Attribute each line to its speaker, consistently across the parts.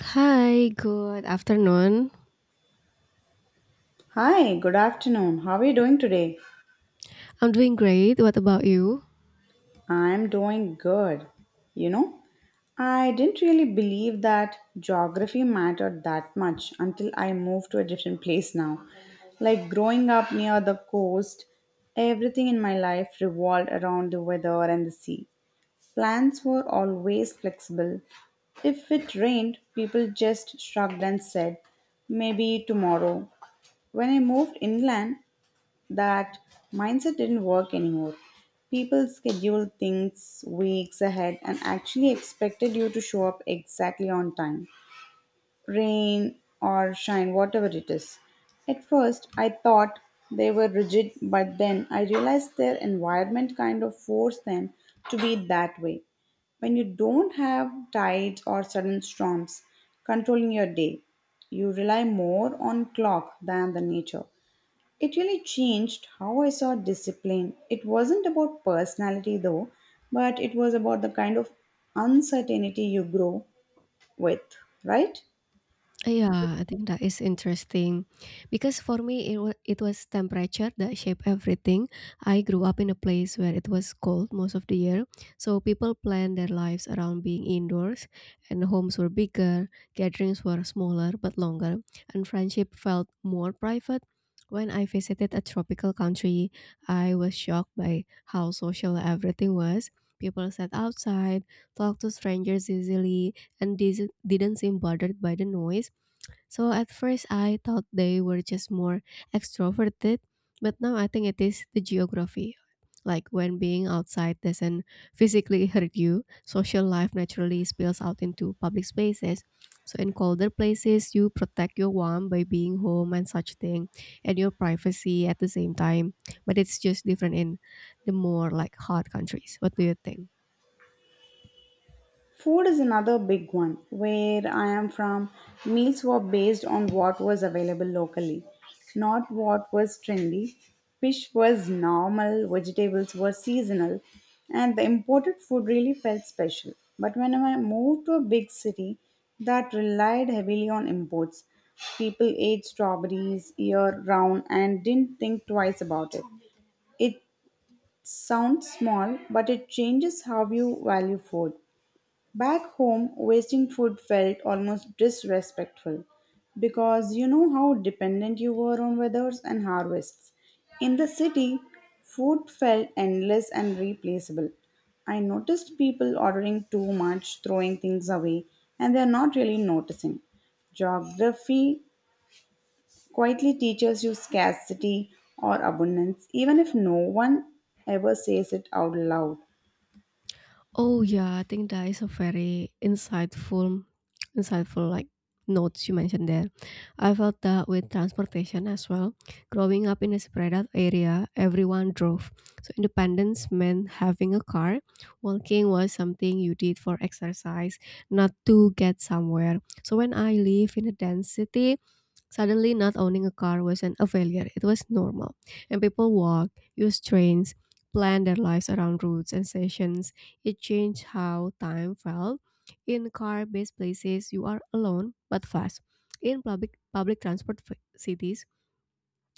Speaker 1: Hi, good afternoon.
Speaker 2: Hi, good afternoon. How are you doing today?
Speaker 1: I'm doing great. What about you?
Speaker 2: I'm doing good. You know, I didn't really believe that geography mattered that much until I moved to a different place now. Like growing up near the coast, everything in my life revolved around the weather and the sea. Plans were always flexible. If it rained, people just shrugged and said, maybe tomorrow. When I moved inland, that mindset didn't work anymore. People scheduled things weeks ahead and actually expected you to show up exactly on time, rain or shine, whatever it is. At first, I thought they were rigid, but then I realized their environment kind of forced them to be that way. When you don't have tides or sudden storms controlling your day, you rely more on clock than the nature. It really changed how I saw discipline. It wasn't about personality though, but it was about the kind of uncertainty you grow with, right?
Speaker 1: Yeah, I think that is interesting because for me it was temperature that shaped everything. I grew up in a place where it was cold most of the year, so people planned their lives around being indoors, and homes were bigger, gatherings were smaller but longer, and friendship felt more private. When I visited a tropical country, I was shocked by how social everything was. People sat outside, talked to strangers easily, and didn't seem bothered by the noise so at first I thought they were just more extroverted, but now I think it is the geography. Like when being outside doesn't physically hurt you, social life naturally spills out into public spaces. So in colder places, you protect your warmth by being home and such thing, and your privacy at the same time. But it's just different in the more like hot countries. What do you think?
Speaker 2: Food is another big one. Where I am from, meals were based on what was available locally, not what was trendy. Fish was normal, vegetables were seasonal, and the imported food really felt special. But when I moved to a big city that relied heavily on imports, people ate strawberries year round and didn't think twice about it. It sounds small, but it changes how you value food. Back home, wasting food felt almost disrespectful because you know how dependent you were on weathers and harvests. In the city, food felt endless and replaceable. I noticed people ordering too much, throwing things away, and they're not really noticing. Geography quietly teaches you scarcity or abundance, even if no one ever says it out loud.
Speaker 1: Oh yeah, I think that is a very insightful, insightful like notes you mentioned there. I felt that with transportation as well. Growing up in a spread out area, everyone drove. So independence meant having a car. Walking was something you did for exercise, not to get somewhere. So when I live in a dense city, suddenly, not owning a car wasn't a failure, it was normal. And people walked, used trains, planned their lives around routes and stations. It changed how time felt. In car based places, you are alone but fast. In public transport cities,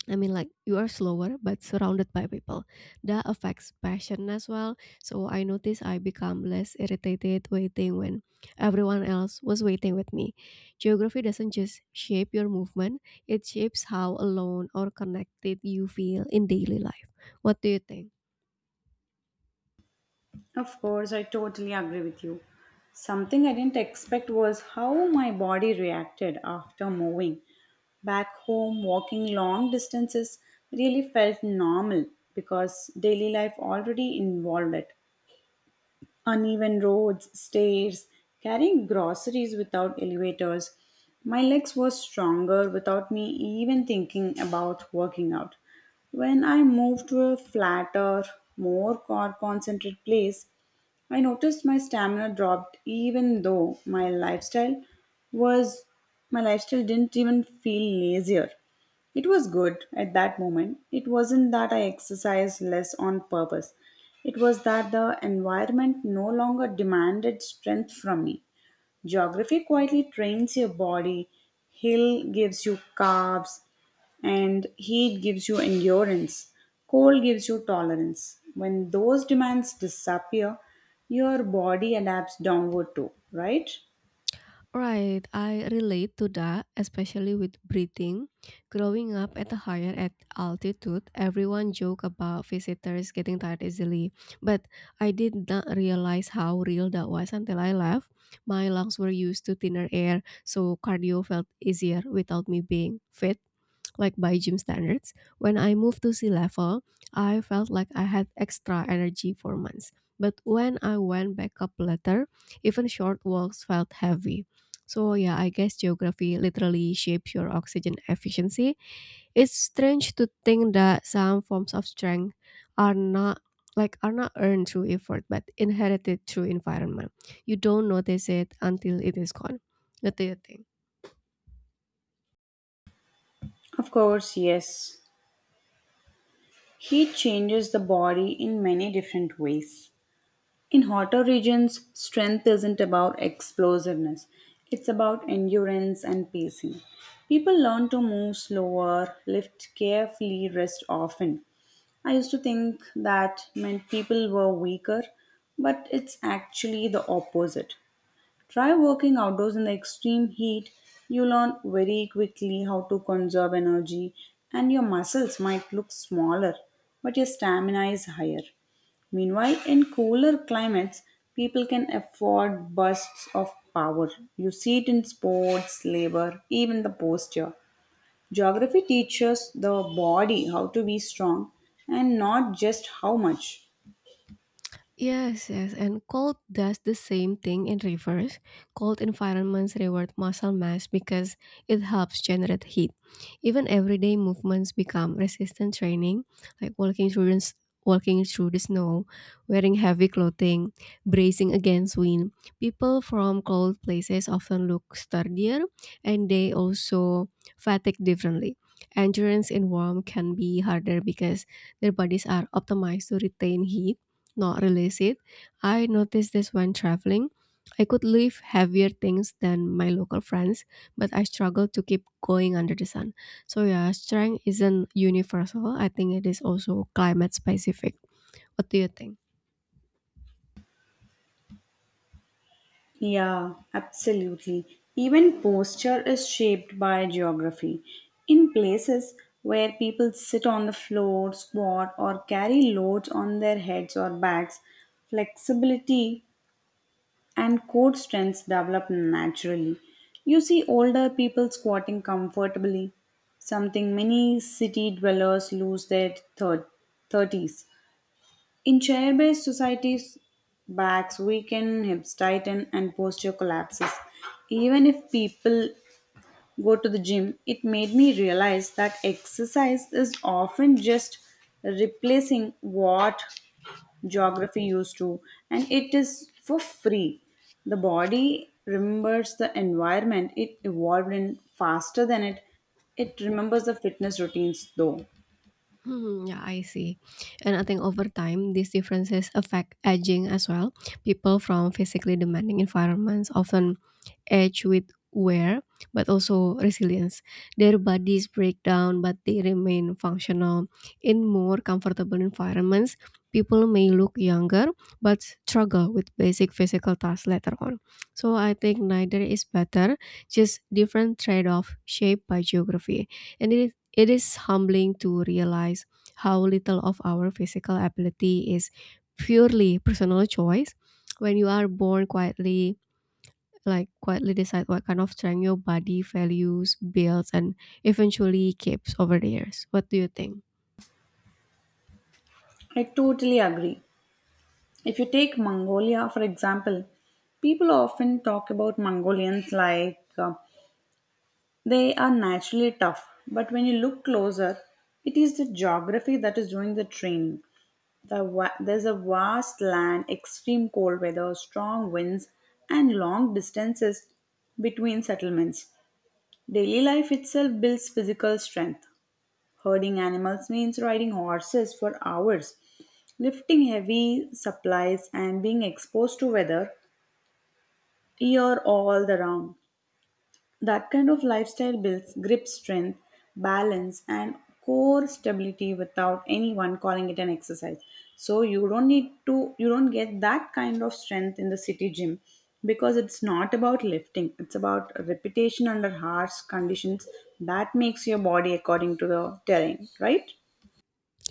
Speaker 1: I mean, like you are slower but surrounded by people. That affects passion as well. So I notice I become less irritated waiting when everyone else was waiting with me. Geography doesn't just shape your movement, it shapes how alone or connected you feel in daily life. What do you think?
Speaker 2: Of course, I totally agree with you. Something I didn't expect was how my body reacted after moving. Back home, walking long distances really felt normal because daily life already involved it. Uneven roads, stairs, carrying groceries without elevators. My legs were stronger without me even thinking about working out. When I moved to a flatter, more car concentrated place, I noticed my stamina dropped even though was my lifestyle didn't even feel lazier. It was good at that moment. It wasn't that I exercised less on purpose. It was that the environment no longer demanded strength from me. Geography quietly trains your body. Hill gives you calves, and heat gives you endurance. Cold gives you tolerance. When those demands disappear, your body adapts downward too, right?
Speaker 1: Right, I relate to that, especially with breathing. Growing up at a higher at altitude, everyone joke about visitors getting tired easily, but I did not realize how real that was until I left. My lungs were used to thinner air, so cardio felt easier without me being fit like by gym standards. When I moved to sea level, I felt like I had extra energy for months. But when I went back up later, even short walks felt heavy. So yeah, I guess geography literally shapes your oxygen efficiency. It's strange to think that some forms of strength are not are not earned through effort but inherited through environment. You don't notice it until it is gone. What do you think?
Speaker 2: Of course, yes. Heat changes the body in many different ways. In hotter regions, strength isn't about explosiveness, it's about endurance and pacing. People learn to move slower, lift carefully, rest often. I used to think that meant people were weaker, but it's actually the opposite. Try working outdoors in the extreme heat. You learn very quickly how to conserve energy, and your muscles might look smaller, but your stamina is higher. Meanwhile, in cooler climates, people can afford bursts of power. You see it in sports, labor, even the posture. Geography teaches the body how to be strong and not just how much.
Speaker 1: Yes, yes, and cold does the same thing in reverse. Cold environments reward muscle mass because it helps generate heat. Even everyday movements become resistance training, like walking through the snow, wearing heavy clothing, bracing against wind. People from cold places often look sturdier, and they also fatigue differently. Endurance in warm can be harder because their bodies are optimized to retain heat not release it. I noticed this when traveling. I could lift heavier things than my local friends, but I struggled to keep going under the sun. So yeah, strength isn't universal. I think it is also climate specific. What do you think?
Speaker 2: Yeah, absolutely. Even posture is shaped by geography. In places where people sit on the floor, squat, or carry loads on their heads or backs, flexibility and core strength develop naturally. You see older people squatting comfortably, something many city dwellers lose 30s. In chair based societies, backs weaken, hips tighten, and posture collapses. Even if people go to the gym, it made me realize that exercise is often just replacing what geography used to, and it is for free. The body remembers the environment it evolved in faster than it remembers the fitness routines though.
Speaker 1: Yeah, I see. And I think over time, these differences affect aging as well. People from physically demanding environments often edge with wear, but also resilience. Their bodies break down, but they remain functional. In more comfortable environments, people may look younger, but struggle with basic physical tasks later on. So I think neither is better, just different trade-off shaped by geography. And it is humbling to realize how little of our physical ability is purely personal choice. When you are born quietly decide what kind of strength your body values, builds, and eventually keeps over the years. What do you think?
Speaker 2: I totally agree. If you take Mongolia, for example, people often talk about Mongolians like they are naturally tough. But when you look closer, it is the geography that is doing the training. There's a vast land, extreme cold weather, strong winds, and long distances between settlements. Daily life itself builds physical strength. Herding animals means riding horses for hours lifting heavy supplies and being exposed to weather year all the round. That kind of lifestyle builds grip strength, balance, and core stability without anyone calling it an exercise. So you don't need to, you don't get that kind of strength in the city gym because it's not about lifting, it's about repetition under harsh conditions that makes your body according to the terrain, right?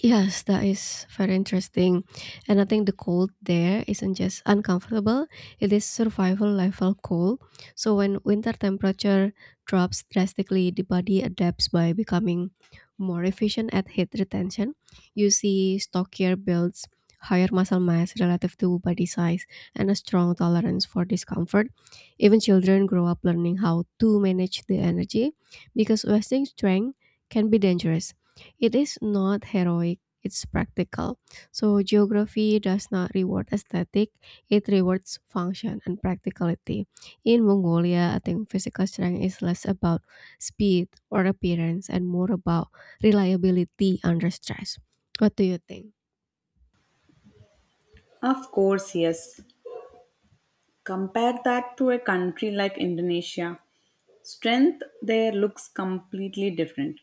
Speaker 1: Yes, that is very interesting. And I think the cold there isn't just uncomfortable, it is survival level cold. So when winter temperature drops drastically, the body adapts by becoming more efficient at heat retention. You see stockier builds, higher muscle mass relative to body size, and a strong tolerance for discomfort. Even children grow up learning how to manage the energy because wasting strength can be dangerous it is not heroic, it's practical. So, geography does not reward aesthetic, it rewards function and practicality. In Mongolia, I think physical strength is less about speed or appearance and more about reliability under stress. What do you think?
Speaker 2: Of course, yes. Compare that to a country like Indonesia. Strength there looks completely different.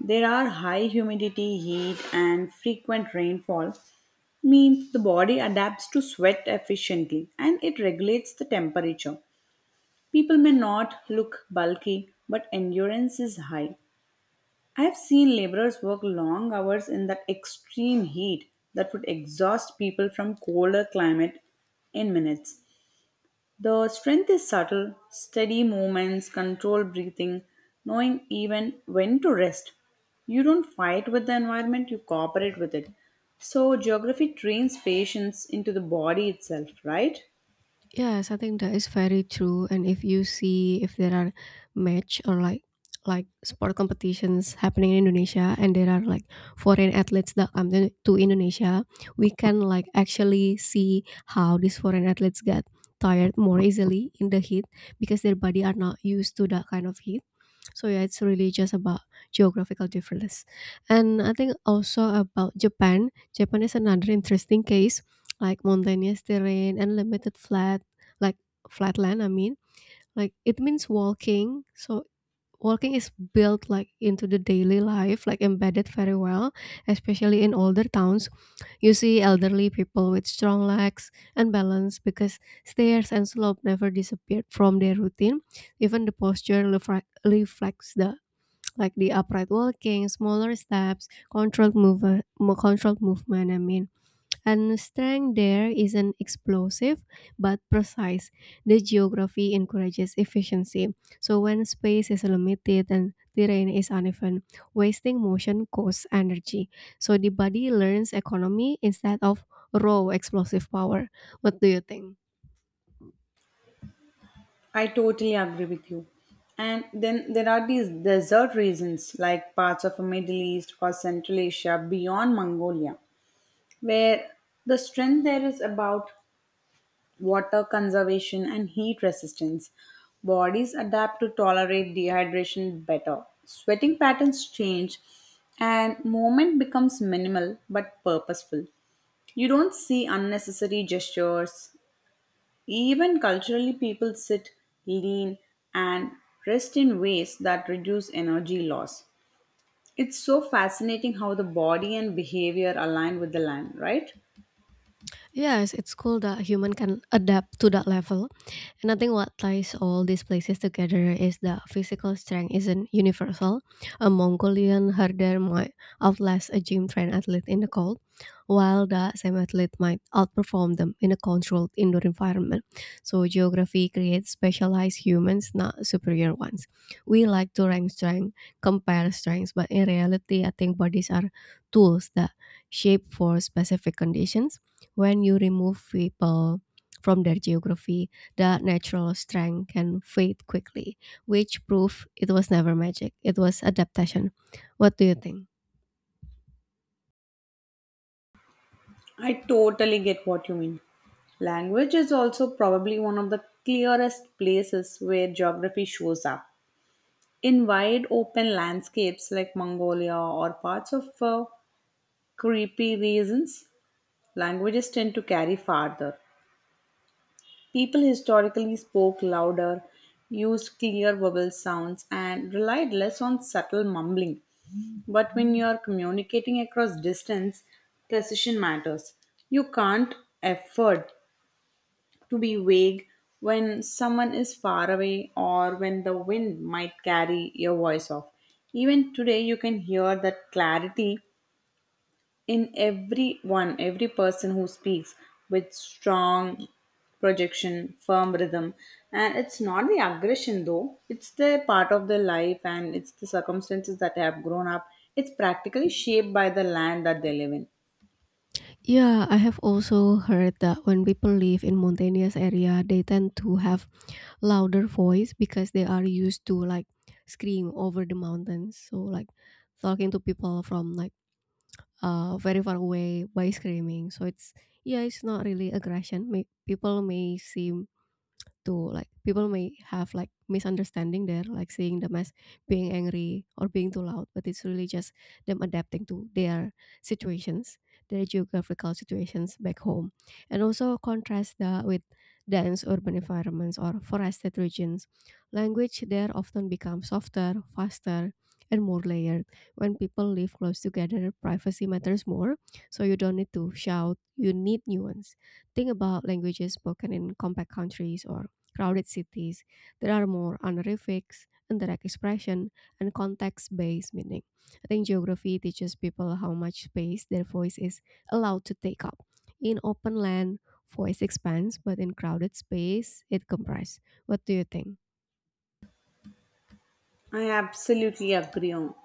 Speaker 2: There are high humidity, heat, and frequent rainfall, means the body adapts to sweat efficiently and it regulates the temperature. People may not look bulky, but endurance is high. I have seen laborers work long hours in that extreme heat that would exhaust people from colder climate in minutes. The strength is subtle, steady movements, controlled breathing, knowing even when to rest. You don't fight with the environment, you cooperate with it. So, geography trains patience into the body itself, right?
Speaker 1: Yes, I think that is very true. And if you see if there are match or like sport competitions happening in Indonesia and there are like foreign athletes that come to Indonesia, we can like actually see how these foreign athletes get tired more easily in the heat because their body are not used to that kind of heat. So yeah, it's really just about geographical differences. And I think also about Japan. Japan is another interesting case, like mountainous terrain and limited flat like flatland I mean like it means walking so walking is built like into the daily life like embedded very well especially in older towns you see elderly people with strong legs and balance because stairs and slope never disappeared from their routine even the posture reflects the like the upright walking smaller steps controlled movement I mean and strength there is an explosive but precise. The geography encourages efficiency. So when space is limited and terrain is uneven, wasting motion costs energy. So the body learns economy instead of raw explosive power. What do you think?
Speaker 2: I totally agree with you. And then there are these desert regions like parts of Middle East or Central Asia beyond Mongolia, where the strength there is about water conservation, and heat resistance. Bodies adapt to tolerate dehydration better. Sweating patterns change, and movement becomes minimal but purposeful. You don't see unnecessary gestures. Even culturally, people sit, lean, and rest in ways that reduce energy loss. It's so fascinating how the body and behavior align with the land, right?
Speaker 1: Yes, it's cool that human can adapt to that level. And I think what ties all these places together is that physical strength isn't universal. A Mongolian herder might outlast a gym trained athlete in the cold, while that same athlete might outperform them in a controlled indoor environment. So geography creates specialized humans, not superior ones. We like to rank strength, compare strengths, but in reality, I think bodies are tools that shape for specific conditions. When you remove people from their geography, the natural strength can fade quickly, which proved it was never magic. It was adaptation. What do you think?
Speaker 2: I totally get what you mean. Language is also probably one of the clearest places where geography shows up. In wide open landscapes like Mongolia or parts of creepy regions, languages tend to carry farther. People historically spoke louder, used clear vowel sounds, and relied less on subtle mumbling. But when you are communicating across distance, precision matters. You can't afford to be vague when someone is far away or when the wind might carry your voice off. Even today, you can hear that clarity in everyone, every person who speaks with strong projection, firm rhythm. And it's not the aggression though, it's the part of their life and it's the circumstances that they have grown up. It's practically shaped by the land that they live in.
Speaker 1: Yeah, I have also heard that when people live in mountainous area, they tend to have louder voice because they are used to like scream over the mountains. So like talking to people from like very far away by screaming. So it's yeah, it's not really aggression. May, people may seem to like people may have like misunderstanding there, like seeing them as being angry or being too loud, but it's really just them adapting to their situations, their geographical situations back home. And also contrast that with dense urban environments or forested regions. Language there often becomes softer, faster, and more layered. When people live close together, privacy matters more, so you don't need to shout, you need nuance think about languages spoken in compact countries or crowded cities that are more honorifics in their expression and context-based meaning. I think geography teaches people how much space their voice is allowed to take up. In open land, voice expands, but in crowded space, it compresses. What do you think?
Speaker 2: I absolutely agree on.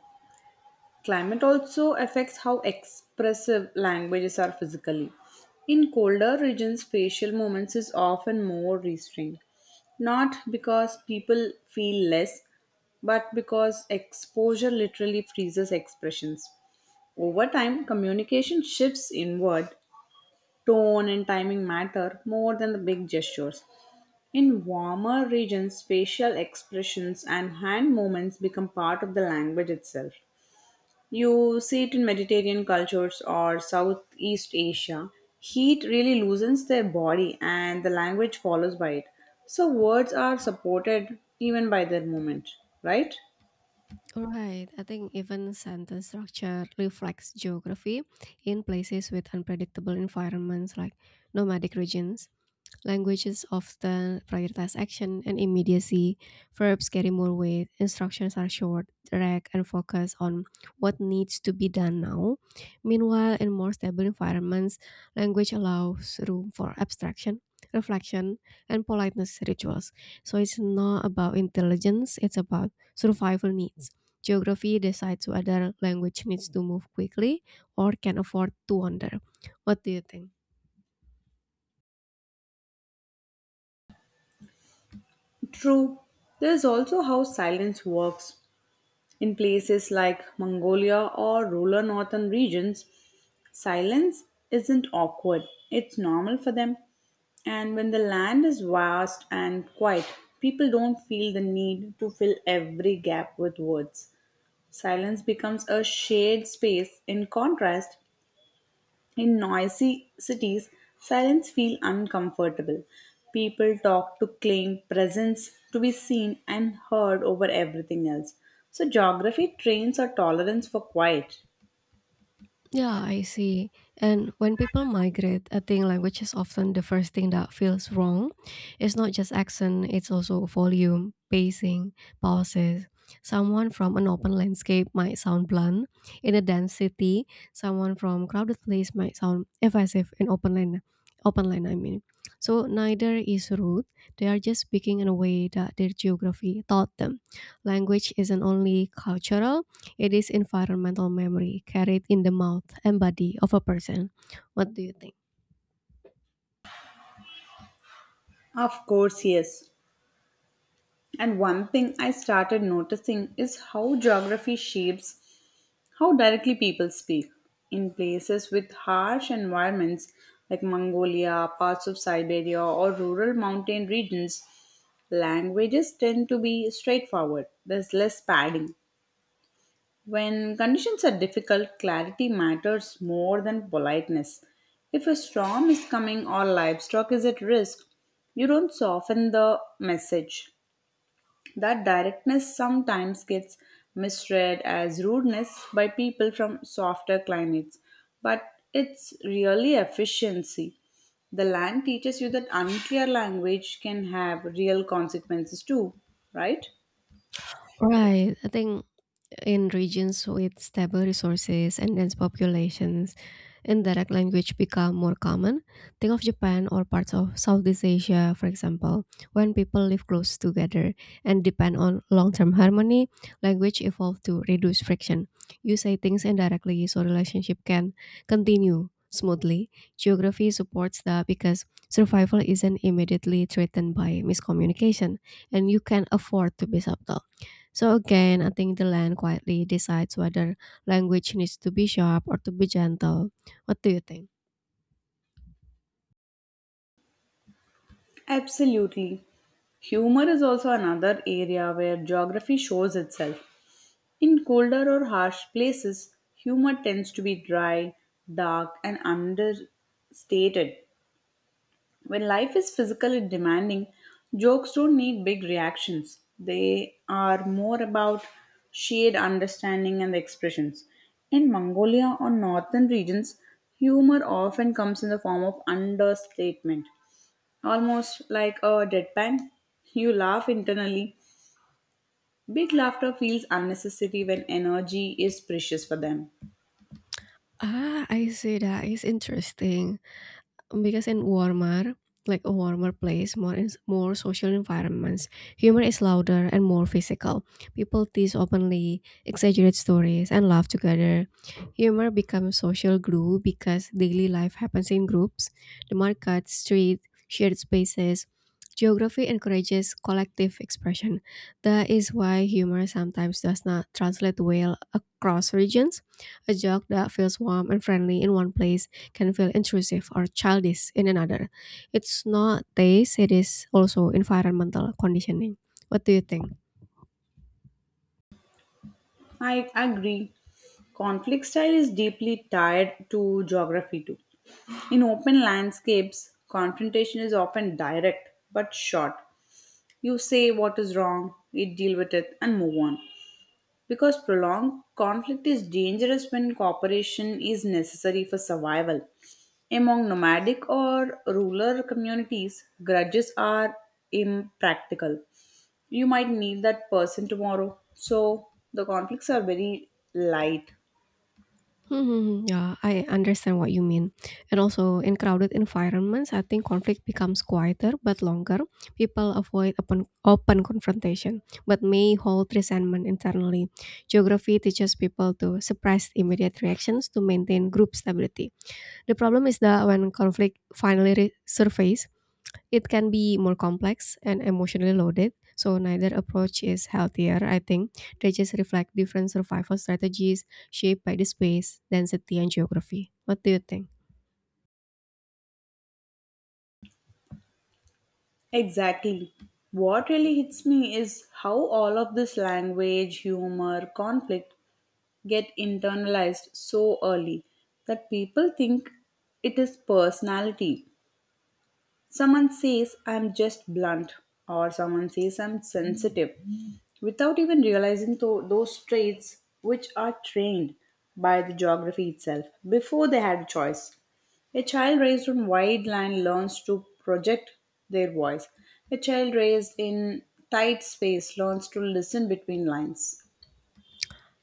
Speaker 2: Climate also affects how expressive languages are physically. In colder regions, facial movements is often more restrained, not because people feel less, but because exposure literally freezes expressions. Over time, communication shifts inward, tone and timing matter more than the big gestures. In warmer regions, facial expressions and hand movements become part of the language itself. You see it in Mediterranean cultures or Southeast Asia. Heat really loosens their body and the language follows by it. So words are supported even by their movement, right?
Speaker 1: Right, I think even sentence structure reflects geography in places with unpredictable environments like nomadic regions. Languages often prioritize action and immediacy. Verbs carry more weight. Instructions are short, direct, and focus on what needs to be done now. Meanwhile, in more stable environments, language allows room for abstraction, reflection, and politeness rituals. So it's not about intelligence, it's about survival needs. Geography decides whether language needs to move quickly or can afford to wander. What do you think?
Speaker 2: True. There is also how silence works. In places like Mongolia or rural northern regions, silence isn't awkward, it's normal for them. And when the land is vast and quiet, people don't feel the need to fill every gap with words. Silence becomes a shared space in contrast in noisy cities, silence feels uncomfortable. People talk to claim presence, to be seen and heard over everything else. So, geography trains our tolerance for quiet.
Speaker 1: Yeah, I see. And when people migrate, I think language is often the first thing that feels wrong. It's not just accent, it's also volume, pacing, pauses. Someone from an open landscape might sound blunt. In a dense city, someone from crowded place might sound evasive in open land. Open land, I mean. So neither is rude. They are just speaking in a way that their geography taught them. Language isn't only cultural, it is environmental memory carried in the mouth and body of a person. What do you think?
Speaker 2: Of course, yes. And one thing I started noticing is how geography shapes how directly people speak. In places with harsh environments like Mongolia, parts of Siberia, or rural mountain regions, languages tend to be straightforward. There's less padding. When conditions are difficult, clarity matters more than politeness. If a storm is coming or livestock is at risk, you don't soften the message. That directness sometimes gets misread as rudeness by people from softer climates, but it's really efficiency. The land teaches you that unclear language can have real consequences too, right?
Speaker 1: Right. I think in regions with stable resources and dense populations, indirect language become more common. Think of Japan or parts of Southeast Asia, for example, when people live close together and depend on long-term harmony, language evolved to reduce friction. You say things indirectly, so relationship can continue smoothly. Geography supports that because survival isn't immediately threatened by miscommunication, and you can afford to be subtle. So again, I think the land quietly decides whether language needs to be sharp or to be gentle. What do you think?
Speaker 2: Absolutely. Humor is also another area where geography shows itself. In colder or harsh places, humor tends to be dry, dark, and understated. When life is physical and demanding, jokes don't need big reactions. They are more about shared understanding and expressions. In Mongolia or northern regions, humor often comes in the form of understatement, almost like a deadpan. You laugh internally. Big laughter feels unnecessary when energy is precious for them.
Speaker 1: Ah, I see that is interesting. Because in warmer, like a warmer place, more social environments, humor is louder and more physical. People tease openly, exaggerate stories, and laugh together. Humor becomes social glue because daily life happens in groups. The market, street, shared spaces. Geography encourages collective expression. That is why humor sometimes does not translate well across regions. A joke that feels warm and friendly in one place can feel intrusive or childish in another. It's not taste, it is also environmental conditioning. What do you think?
Speaker 2: I agree. Conflict style is deeply tied to geography too. In open landscapes, confrontation is often direct but short. You say what is wrong, we deal with it, and move on. Because prolonged conflict is dangerous when cooperation is necessary for survival. Among nomadic or rural communities, grudges are impractical. You might need that person tomorrow. So the conflicts are very light.
Speaker 1: Mhm, yeah, I understand what you mean. And also, in crowded environments, I think conflict becomes quieter but longer. People avoid open confrontation, but may hold resentment internally. Geography teaches people to suppress immediate reactions to maintain group stability. The problem is that when conflict finally surfaces. It can be more complex and emotionally loaded, so neither approach is healthier, I think. They just reflect different survival strategies shaped by the space, density, and geography. What do you think?
Speaker 2: Exactly. What really hits me is how all of this language, humor, conflict get internalized so early that people think it is personality. Someone says I'm just blunt, or someone says I'm sensitive, without even realizing those traits which are trained by the geography itself before they had a choice. A child raised on wide land learns to project their voice. A child raised in tight space learns to listen between lines.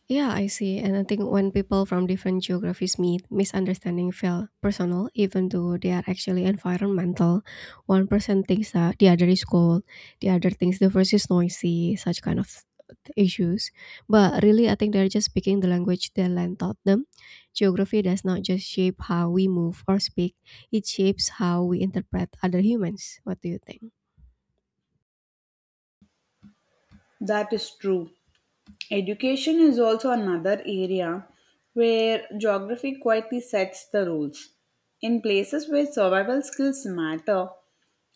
Speaker 1: Yeah, I see. And I think when people from different geographies meet, misunderstanding feel personal, even though they are actually environmental. One person thinks that the other is cold, the other thinks the first is noisy, such kind of issues. But really, I think they're just speaking the language their land taught them. Geography does not just shape how we move or speak, it shapes how we interpret other humans. What do you think?
Speaker 2: That is true. Education is also another area where geography quietly sets the rules. In places where survival skills matter,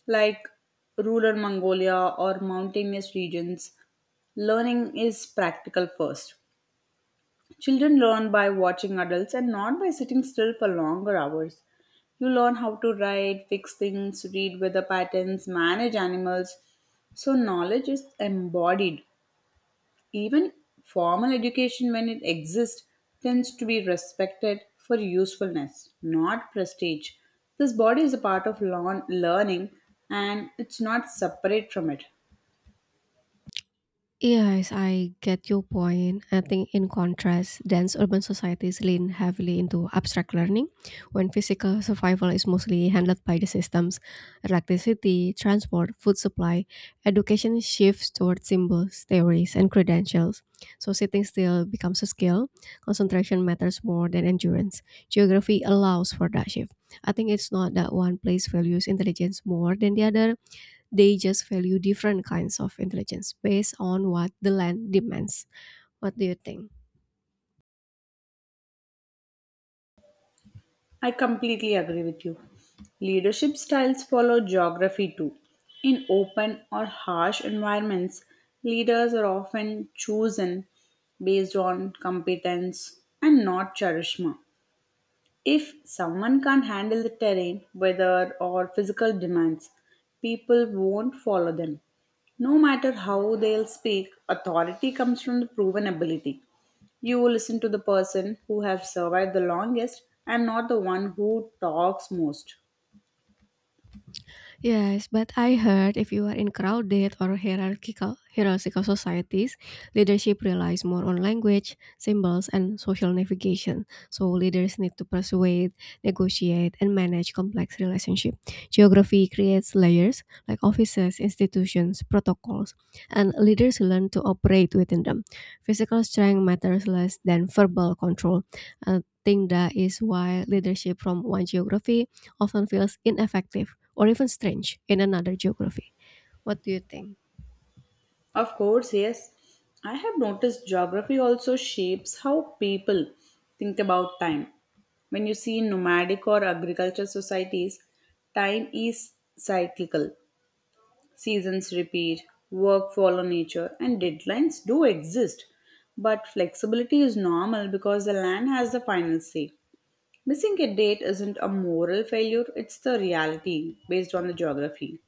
Speaker 2: like rural Mongolia or mountainous regions, learning is practical first. Children learn by watching adults and not by sitting still for longer hours. You learn how to write, fix things, read weather patterns, manage animals. So, knowledge is embodied. Even formal education, when it exists, tends to be respected for usefulness, not prestige. This body is a part of learning and it's not separate from it.
Speaker 1: Yes, I get your point. I think, in contrast, dense urban societies lean heavily into abstract learning, when physical survival is mostly handled by the systems. Electricity, transport, food supply, education shifts toward symbols, theories, and credentials. So, sitting still becomes a skill. Concentration matters more than endurance. Geography allows for that shift. I think it's not that one place values intelligence more than the other, they just value different kinds of intelligence based on what the land demands. What do you think?
Speaker 2: I completely agree with you. Leadership styles follow geography too. In open or harsh environments, leaders are often chosen based on competence and not charisma. If someone can't handle the terrain, weather, or physical demands, people won't follow them. No matter how they'll speak, authority comes from the proven ability. You will listen to the person who has survived the longest and not the one who talks most.
Speaker 1: Yes, but I heard if you are in crowded or hierarchical societies, leadership relies more on language, symbols, and social navigation. So leaders need to persuade, negotiate, and manage complex relationships. Geography creates layers like offices, institutions, protocols, and leaders learn to operate within them. Physical strength matters less than verbal control. I think that is why leadership from one geography often feels ineffective or even strange in another geography. What do you think?
Speaker 2: Of course, yes, I have noticed geography also shapes how people think about time. When you see nomadic or agriculture societies, time is cyclical. Seasons repeat, work follow nature, and deadlines do exist. But flexibility is normal because the land has the final say. Missing a date isn't a moral failure, it's the reality based on the geography.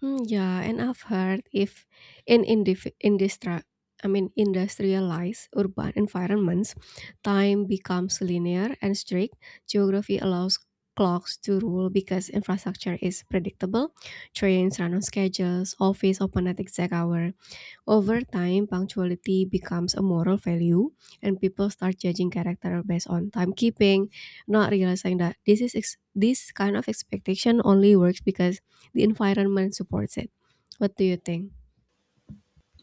Speaker 1: Hmm, yeah, and I've heard if in I mean industrialized urban environments, time becomes linear and strict. Geography allows clocks to rule because infrastructure is predictable. Trains run on schedules, office open at exact hours. Over time, punctuality becomes a moral value, and people start judging character based on timekeeping, not realizing that this kind of expectation only works because the environment supports it. What do you think?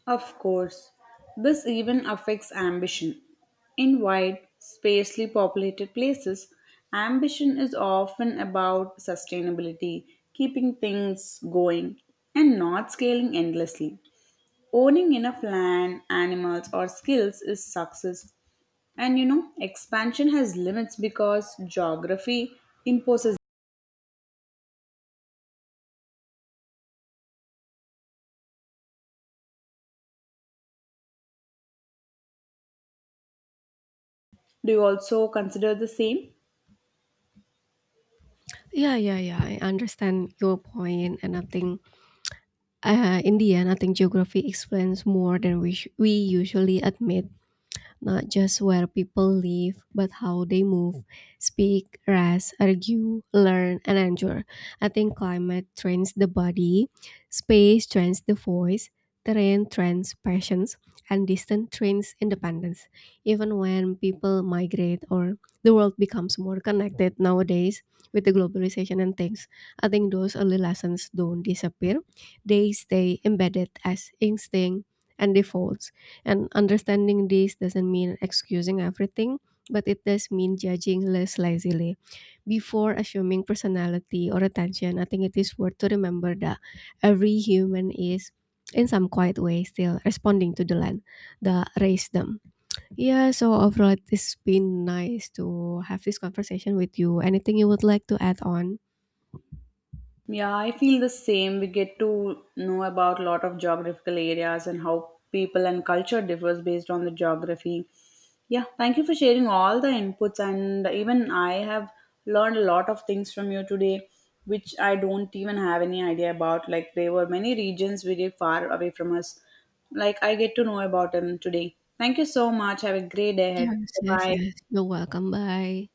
Speaker 2: Of course, this even affects ambition. In wide, sparsely populated places, ambition is often about sustainability, keeping things going, and not scaling endlessly. Owning enough land, animals, or skills is success. And you know, expansion has limits because geography imposes. Do you also consider the same?
Speaker 1: Yeah, yeah, yeah. I understand your point, and I think in the end, I think geography explains more than we usually admit. Not just where people live, but how they move, speak, rest, argue, learn, and endure. I think climate trains the body, space trains the voice, terrain trains passions, and distance trains independence. Even when people migrate or the world becomes more connected nowadays with the globalization and things, I think those early lessons don't disappear. They stay embedded as instinct and defaults, and understanding this doesn't mean excusing everything, but it does mean judging less lazily. Before assuming personality or attention, I think it is worth to remember that every human is, in some quiet way, still responding to the land that raised them. Yeah, so overall, it's been nice to have this conversation with you. Anything you would like to add on?
Speaker 2: Yeah, I feel the same. We get to know about a lot of geographical areas and how people and culture differs based on the geography. Yeah, thank you for sharing all the inputs and even I have learned a lot of things from you today which I don't even have any idea about. Like there were many regions very far away from us. Like I get to know about them today. Thank you so much. Have a great day ahead.
Speaker 1: Yes,
Speaker 2: Bye
Speaker 1: yes,
Speaker 2: bye.
Speaker 1: yes. You're welcome. Bye.